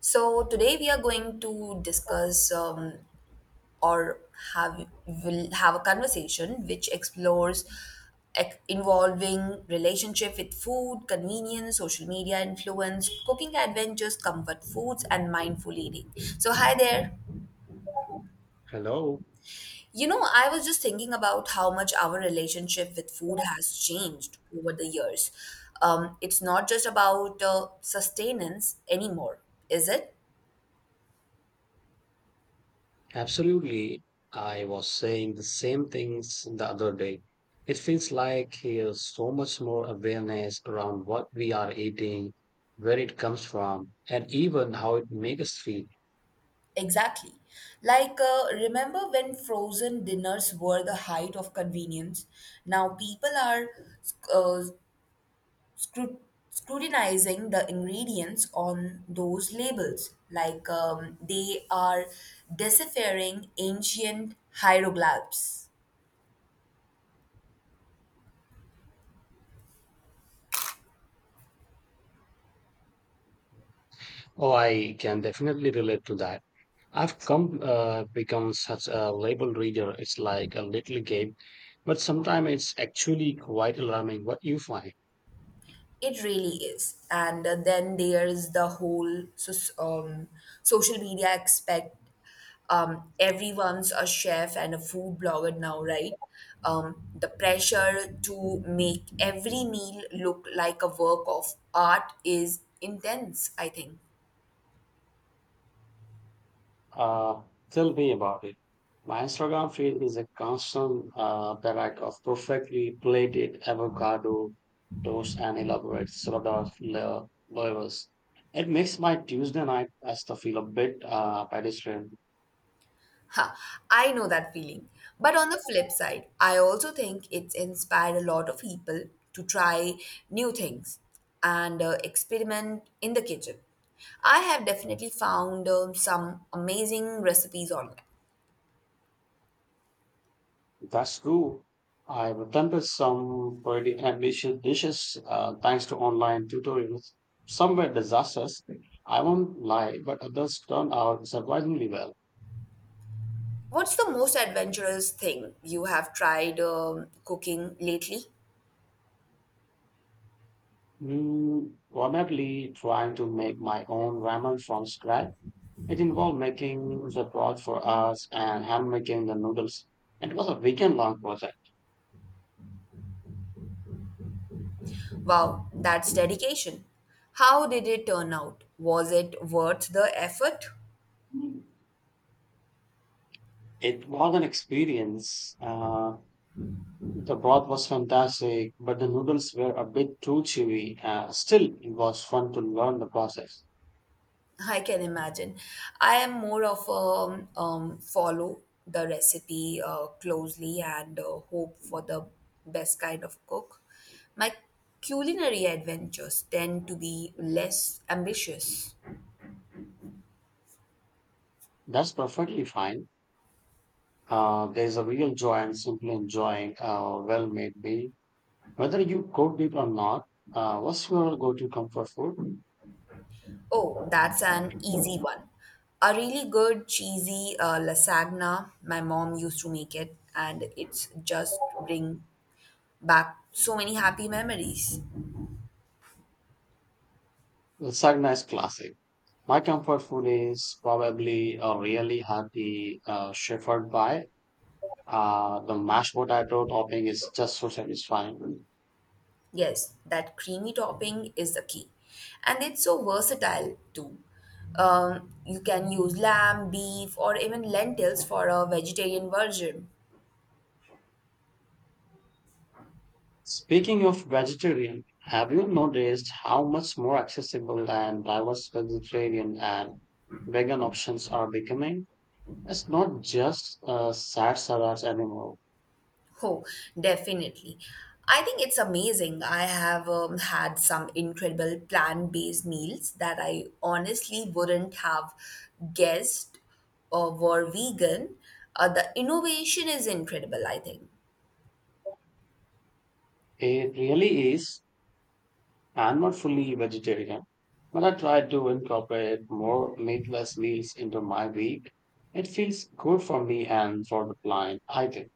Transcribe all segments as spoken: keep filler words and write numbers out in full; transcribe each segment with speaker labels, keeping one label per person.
Speaker 1: So today we are going to discuss um, or have will have a conversation which explores ex- involving relationship with food, convenience, social media influence, cooking adventures, comfort foods, and mindful eating. So hi there.
Speaker 2: Hello.
Speaker 1: You know, I was just thinking about how much our relationship with food has changed over the years. Um, it's not just about uh, sustenance anymore, is it?
Speaker 2: Absolutely. I was saying the same things the other day. It feels like there's so much more awareness around what we are eating, where it comes from, and even how it makes us feel.
Speaker 1: Exactly. Like, uh, remember when frozen dinners were the height of convenience? Now people are uh, scru- scrutinizing the ingredients on those labels, like um, they are deciphering ancient hieroglyphs.
Speaker 2: Oh, I can definitely relate to that. I've come uh, become such a label reader. It's like a little game, but sometimes it's actually quite alarming what you find.
Speaker 1: It really is. And uh, then there's the whole so, um, social media aspect. Um, everyone's a chef and a food blogger now, right? Um, the pressure to make every meal look like a work of art is intense, I think.
Speaker 2: Uh, tell me about it. My Instagram feed is a constant uh, barrage of perfectly plated avocado toast and elaborate salad la- flavors. It makes my Tuesday night pasta feel a bit uh, pedestrian.
Speaker 1: Ha, I know that feeling. But on the flip side, I also think it's inspired a lot of people to try new things and uh, experiment in the kitchen. I have definitely found um, some amazing recipes online.
Speaker 2: That's true. I've attempted some pretty ambitious dishes uh, thanks to online tutorials. Some were disasters, I won't lie, but others turned out surprisingly well.
Speaker 1: What's the most adventurous thing you have tried um, cooking lately?
Speaker 2: Mm, probably trying to make my own ramen from scratch. It involved making the broth for us and hand making the noodles. And it was a weekend long project.
Speaker 1: Wow, that's dedication. How did it turn out? Was it worth the effort?
Speaker 2: It was an experience. Uh, the broth was fantastic, but the noodles were a bit too chewy. Uh, still, it was fun to learn the process.
Speaker 1: I can imagine. I am more of a um, follow the recipe uh, closely and uh, hope for the best kind of cook. My culinary adventures tend to be less ambitious.
Speaker 2: That's perfectly fine. Uh, there's a real joy in simply enjoying a well made meal, whether you cooked it or not. Uh, what's your go to comfort food?
Speaker 1: Oh, that's an easy
Speaker 2: Mm.
Speaker 1: one. A really good cheesy uh, lasagna. My mom used to make it, and it's just bring back so many happy memories.
Speaker 2: Lasagna is classic. My comfort food is probably a really hearty uh, shepherd pie. Uh, the mashed potato topping is just so satisfying.
Speaker 1: Yes, that creamy topping is the key. And it's so versatile too. Um, you can use lamb, beef, or even lentils for a vegetarian version.
Speaker 2: Speaking of vegetarian, have you noticed how much more accessible and diverse vegetarian and vegan options are becoming? It's not just uh, sad salads anymore.
Speaker 1: Oh, definitely. I think it's amazing. I have um, had some incredible plant-based meals that I honestly wouldn't have guessed uh, were vegan. Uh, the innovation is incredible, I think.
Speaker 2: It really is. I'm not fully vegetarian, but I try to incorporate more meatless meals into my week. It feels good for me and for the client, I think.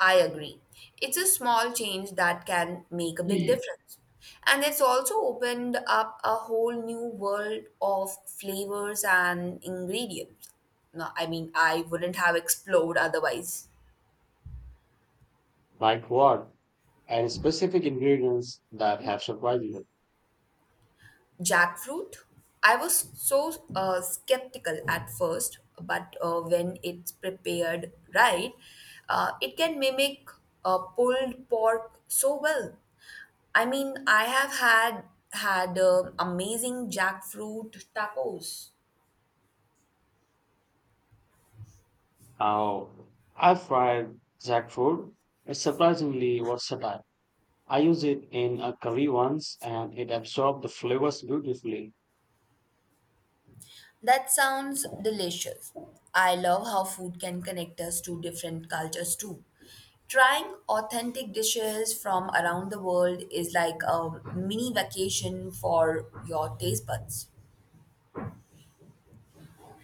Speaker 1: I agree. It's a small change that can make a big
Speaker 2: Mm.
Speaker 1: difference. And it's also opened up a whole new world of flavors and ingredients. No, I mean, I wouldn't have explored otherwise.
Speaker 2: Like what? And specific ingredients that have surprised you.
Speaker 1: Jackfruit, I was so uh, skeptical at first, but uh, when it's prepared right, uh, it can mimic uh, pulled pork so well. I mean, I have had had um amazing jackfruit tacos.
Speaker 2: How I fried jackfruit. It's surprisingly versatile. I used it in a curry once and it absorbed the flavors beautifully.
Speaker 1: That sounds delicious. I love how food can connect us to different cultures too. Trying authentic dishes from around the world is like a mini vacation for your taste buds.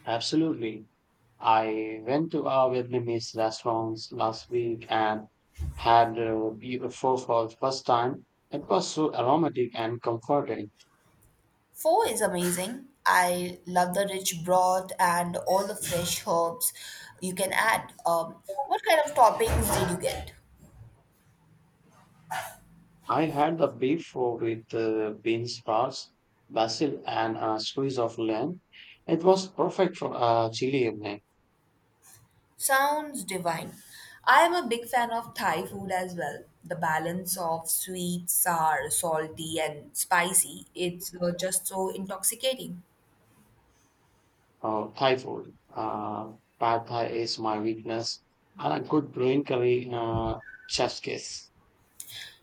Speaker 2: Absolutely. I went to a Vietnamese restaurant last week and had uh, beef pho for the first time. It was so aromatic and comforting.
Speaker 1: Pho is amazing. I love the rich broth and all the fresh herbs you can add. Um, what kind of toppings did you get?
Speaker 2: I had the beef pho with uh, bean sprouts, basil, and a squeeze of lime. It was perfect for a chilly evening.
Speaker 1: Sounds divine. I am a big fan of Thai food as well. The balance of sweet, sour, salty, and spicy, it's uh, just so intoxicating.
Speaker 2: Uh, Thai food. Uh, pad Thai is my weakness, and a good green curry, uh, chef's kiss.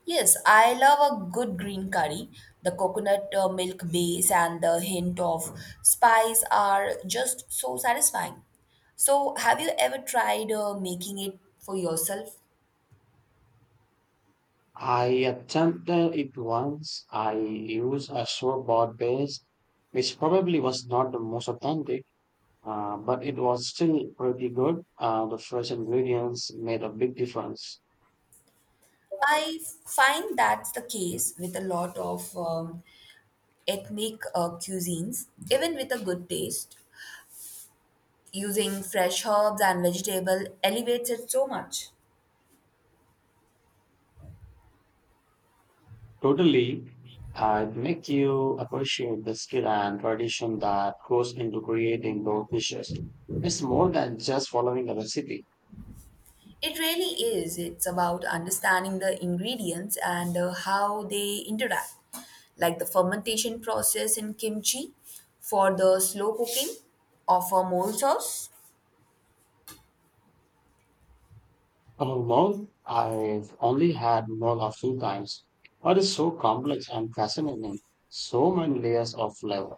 Speaker 1: Yes, I love a good green curry. The coconut uh, milk base and the hint of spice are just so satisfying. So, have you ever tried uh, making it for yourself?
Speaker 2: I attempted it once. I used a shortboard bass, which probably was not the most authentic, uh, but it was still pretty good. Uh, the fresh ingredients made a big difference.
Speaker 1: I find that's the case with a lot of um, ethnic uh, cuisines, even with a good taste, using fresh herbs and vegetable elevates it so much.
Speaker 2: Totally, uh, it make you appreciate the skill and tradition that goes into creating those dishes. It's more than just following a recipe.
Speaker 1: It really is. It's about understanding the ingredients and uh, how they interact, like the fermentation process in kimchi for the slow cooking of a mole sauce.
Speaker 2: I'm I've only had Mola a few times. It is so complex and fascinating. So many layers of flavor.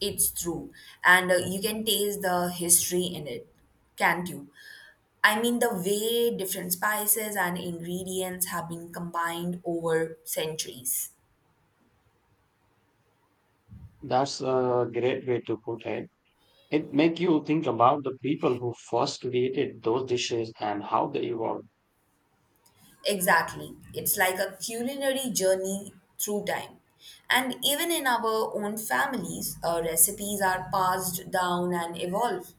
Speaker 1: It's true, and uh, you can taste the history in it, can't you? I mean, the way different spices and ingredients have been combined over centuries.
Speaker 2: That's a great way to put it. It makes you think about the people who first created those dishes and how they evolved.
Speaker 1: Exactly. It's like a culinary journey through time. And even in our own families, uh, recipes are passed down and evolve.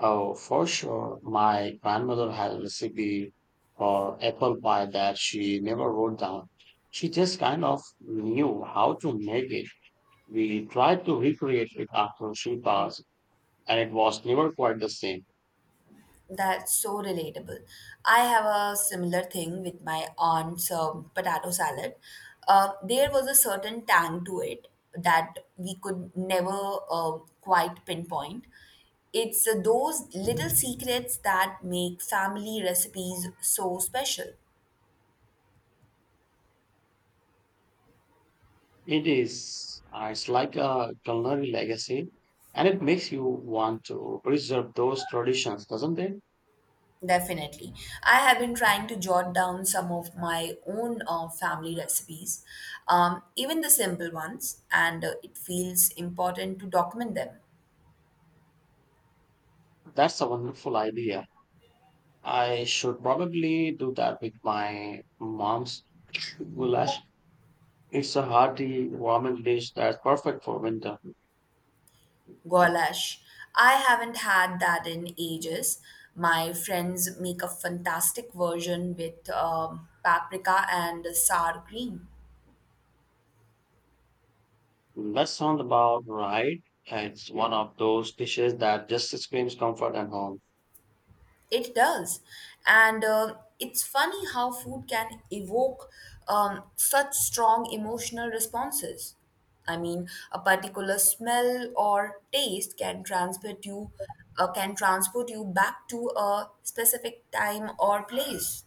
Speaker 2: Oh, for sure, my grandmother had a recipe for apple pie that she never wrote down. She just kind of knew how to make it. We tried to recreate it after she passed and it was never quite the same.
Speaker 1: That's so relatable. I have a similar thing with my aunt's um, potato salad. Uh, there was a certain tang to it that we could never uh, quite pinpoint. It's uh, those little secrets that make family recipes so special.
Speaker 2: It is, uh, it's like a culinary legacy, and it makes you want to preserve those traditions, doesn't it?
Speaker 1: Definitely. I have been trying to jot down some of my own uh, family recipes, um, even the simple ones, and uh, it feels important to document them.
Speaker 2: That's a wonderful idea. I should probably do that with my mom's goulash. It's a hearty, warming dish that's perfect for winter.
Speaker 1: Goulash. I haven't had that in ages. My friends make a fantastic version with um, paprika and sour cream.
Speaker 2: That sounds about right. It's one of those dishes that just screams comfort and home.
Speaker 1: It does. And uh, it's funny how food can evoke um, such strong emotional responses. I mean, a particular smell or taste can transport you, uh, can transport you back to a specific time or place.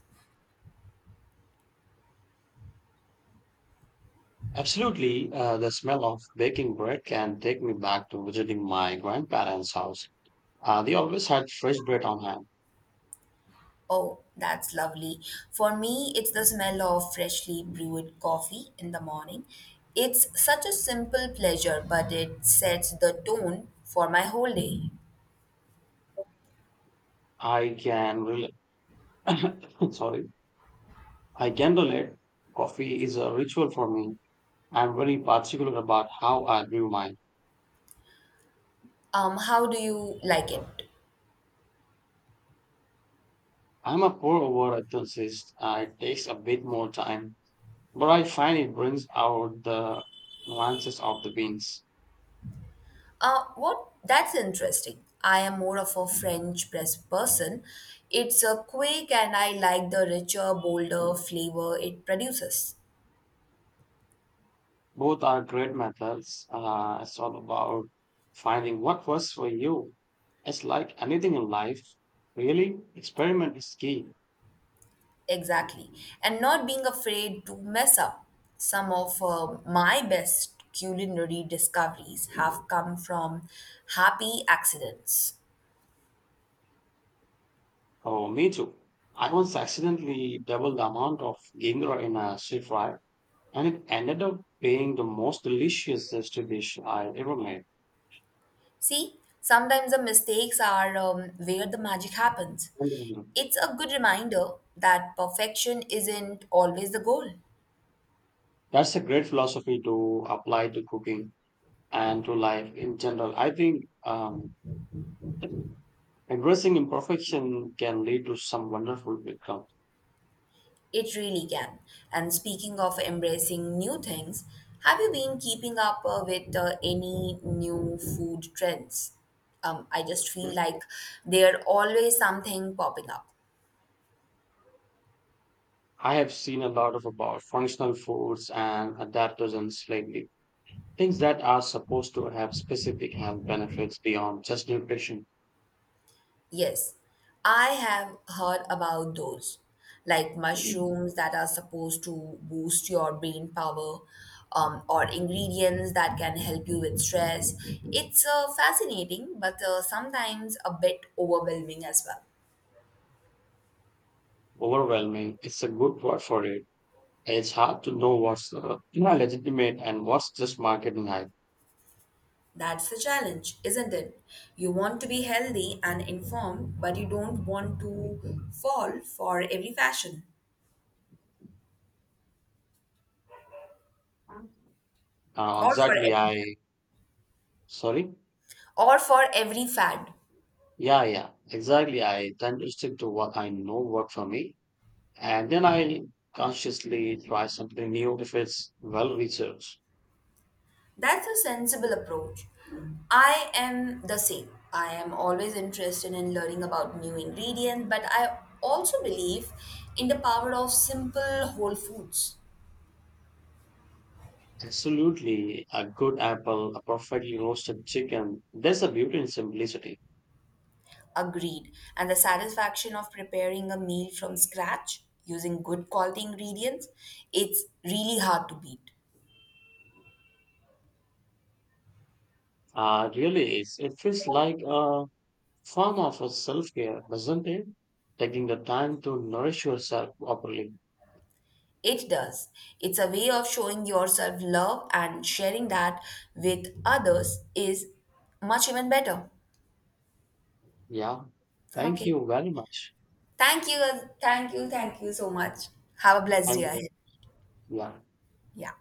Speaker 2: Absolutely, uh, the smell of baking bread can take me back to visiting my grandparents' house. Uh, they always had fresh bread on hand.
Speaker 1: Oh, that's lovely. For me, it's the smell of freshly brewed coffee in the morning. It's such a simple pleasure, but it sets the tone for my whole day.
Speaker 2: I can relate. Sorry, I can relate. Coffee is a ritual for me. I'm very particular about how I brew mine.
Speaker 1: Um, how do you like it?
Speaker 2: I'm a pour-over enthusiast. Uh, it takes a bit more time, but I find it brings out the nuances of the beans.
Speaker 1: Uh, what? That's interesting. I am more of a French press person. It's a quick and I like the richer, bolder flavor it produces.
Speaker 2: Both are great methods. Uh, it's all about finding what works for you. It's like anything in life, really, experiment is key.
Speaker 1: Exactly. And not being afraid to mess up. Some of uh, my best culinary discoveries have come from happy accidents.
Speaker 2: Oh, me too. I once accidentally doubled the amount of ginger in a stir fry, and it ended up being the most delicious stir dish I ever made.
Speaker 1: See, sometimes the mistakes are um, where the magic happens.
Speaker 2: And
Speaker 1: It's a good reminder that perfection isn't always the goal.
Speaker 2: That's a great philosophy to apply to cooking and to life in general. I think um, embracing imperfection can lead to some wonderful outcomes.
Speaker 1: It really can. And speaking of embracing new things, have you been keeping up uh, with uh, any new food trends? Um, I just feel like there always something popping up.
Speaker 2: I have seen a lot of about functional foods and adaptogens lately. Things that are supposed to have specific health benefits beyond just nutrition.
Speaker 1: Yes, I have heard about those, like mushrooms that are supposed to boost your brain power, um, or ingredients that can help you with stress. It's uh, fascinating, but uh, sometimes a bit overwhelming as well.
Speaker 2: Overwhelming, it's a good word for it. It's hard to know what's uh, you know, legitimate and what's just marketing hype.
Speaker 1: That's the challenge, isn't it? You want to be healthy and informed, but you don't want to fall for every fashion
Speaker 2: Uh,
Speaker 1: or for
Speaker 2: exactly,
Speaker 1: every
Speaker 2: I. Sorry?
Speaker 1: or for every fad.
Speaker 2: Yeah, yeah, exactly. I tend to stick to what I know work for me, and then I consciously try something new if it's well researched.
Speaker 1: That's a sensible approach. I am the same. I am always interested in learning about new ingredients, but I also believe in the power of simple whole foods.
Speaker 2: Absolutely. A good apple, a perfectly roasted chicken. There's a beauty in simplicity.
Speaker 1: Agreed. And the satisfaction of preparing a meal from scratch using good quality ingredients, it's really hard to beat.
Speaker 2: Uh, really is. It feels like a form of a self-care, doesn't it? Taking the time to nourish yourself properly.
Speaker 1: It does. It's a way of showing yourself love and sharing that with others is much even better.
Speaker 2: Yeah. Thank
Speaker 1: Okay.
Speaker 2: you very much.
Speaker 1: Thank you. Thank you. Thank you so much. Have a blessed day
Speaker 2: Thank you.
Speaker 1: ahead.
Speaker 2: Yeah.
Speaker 1: Yeah.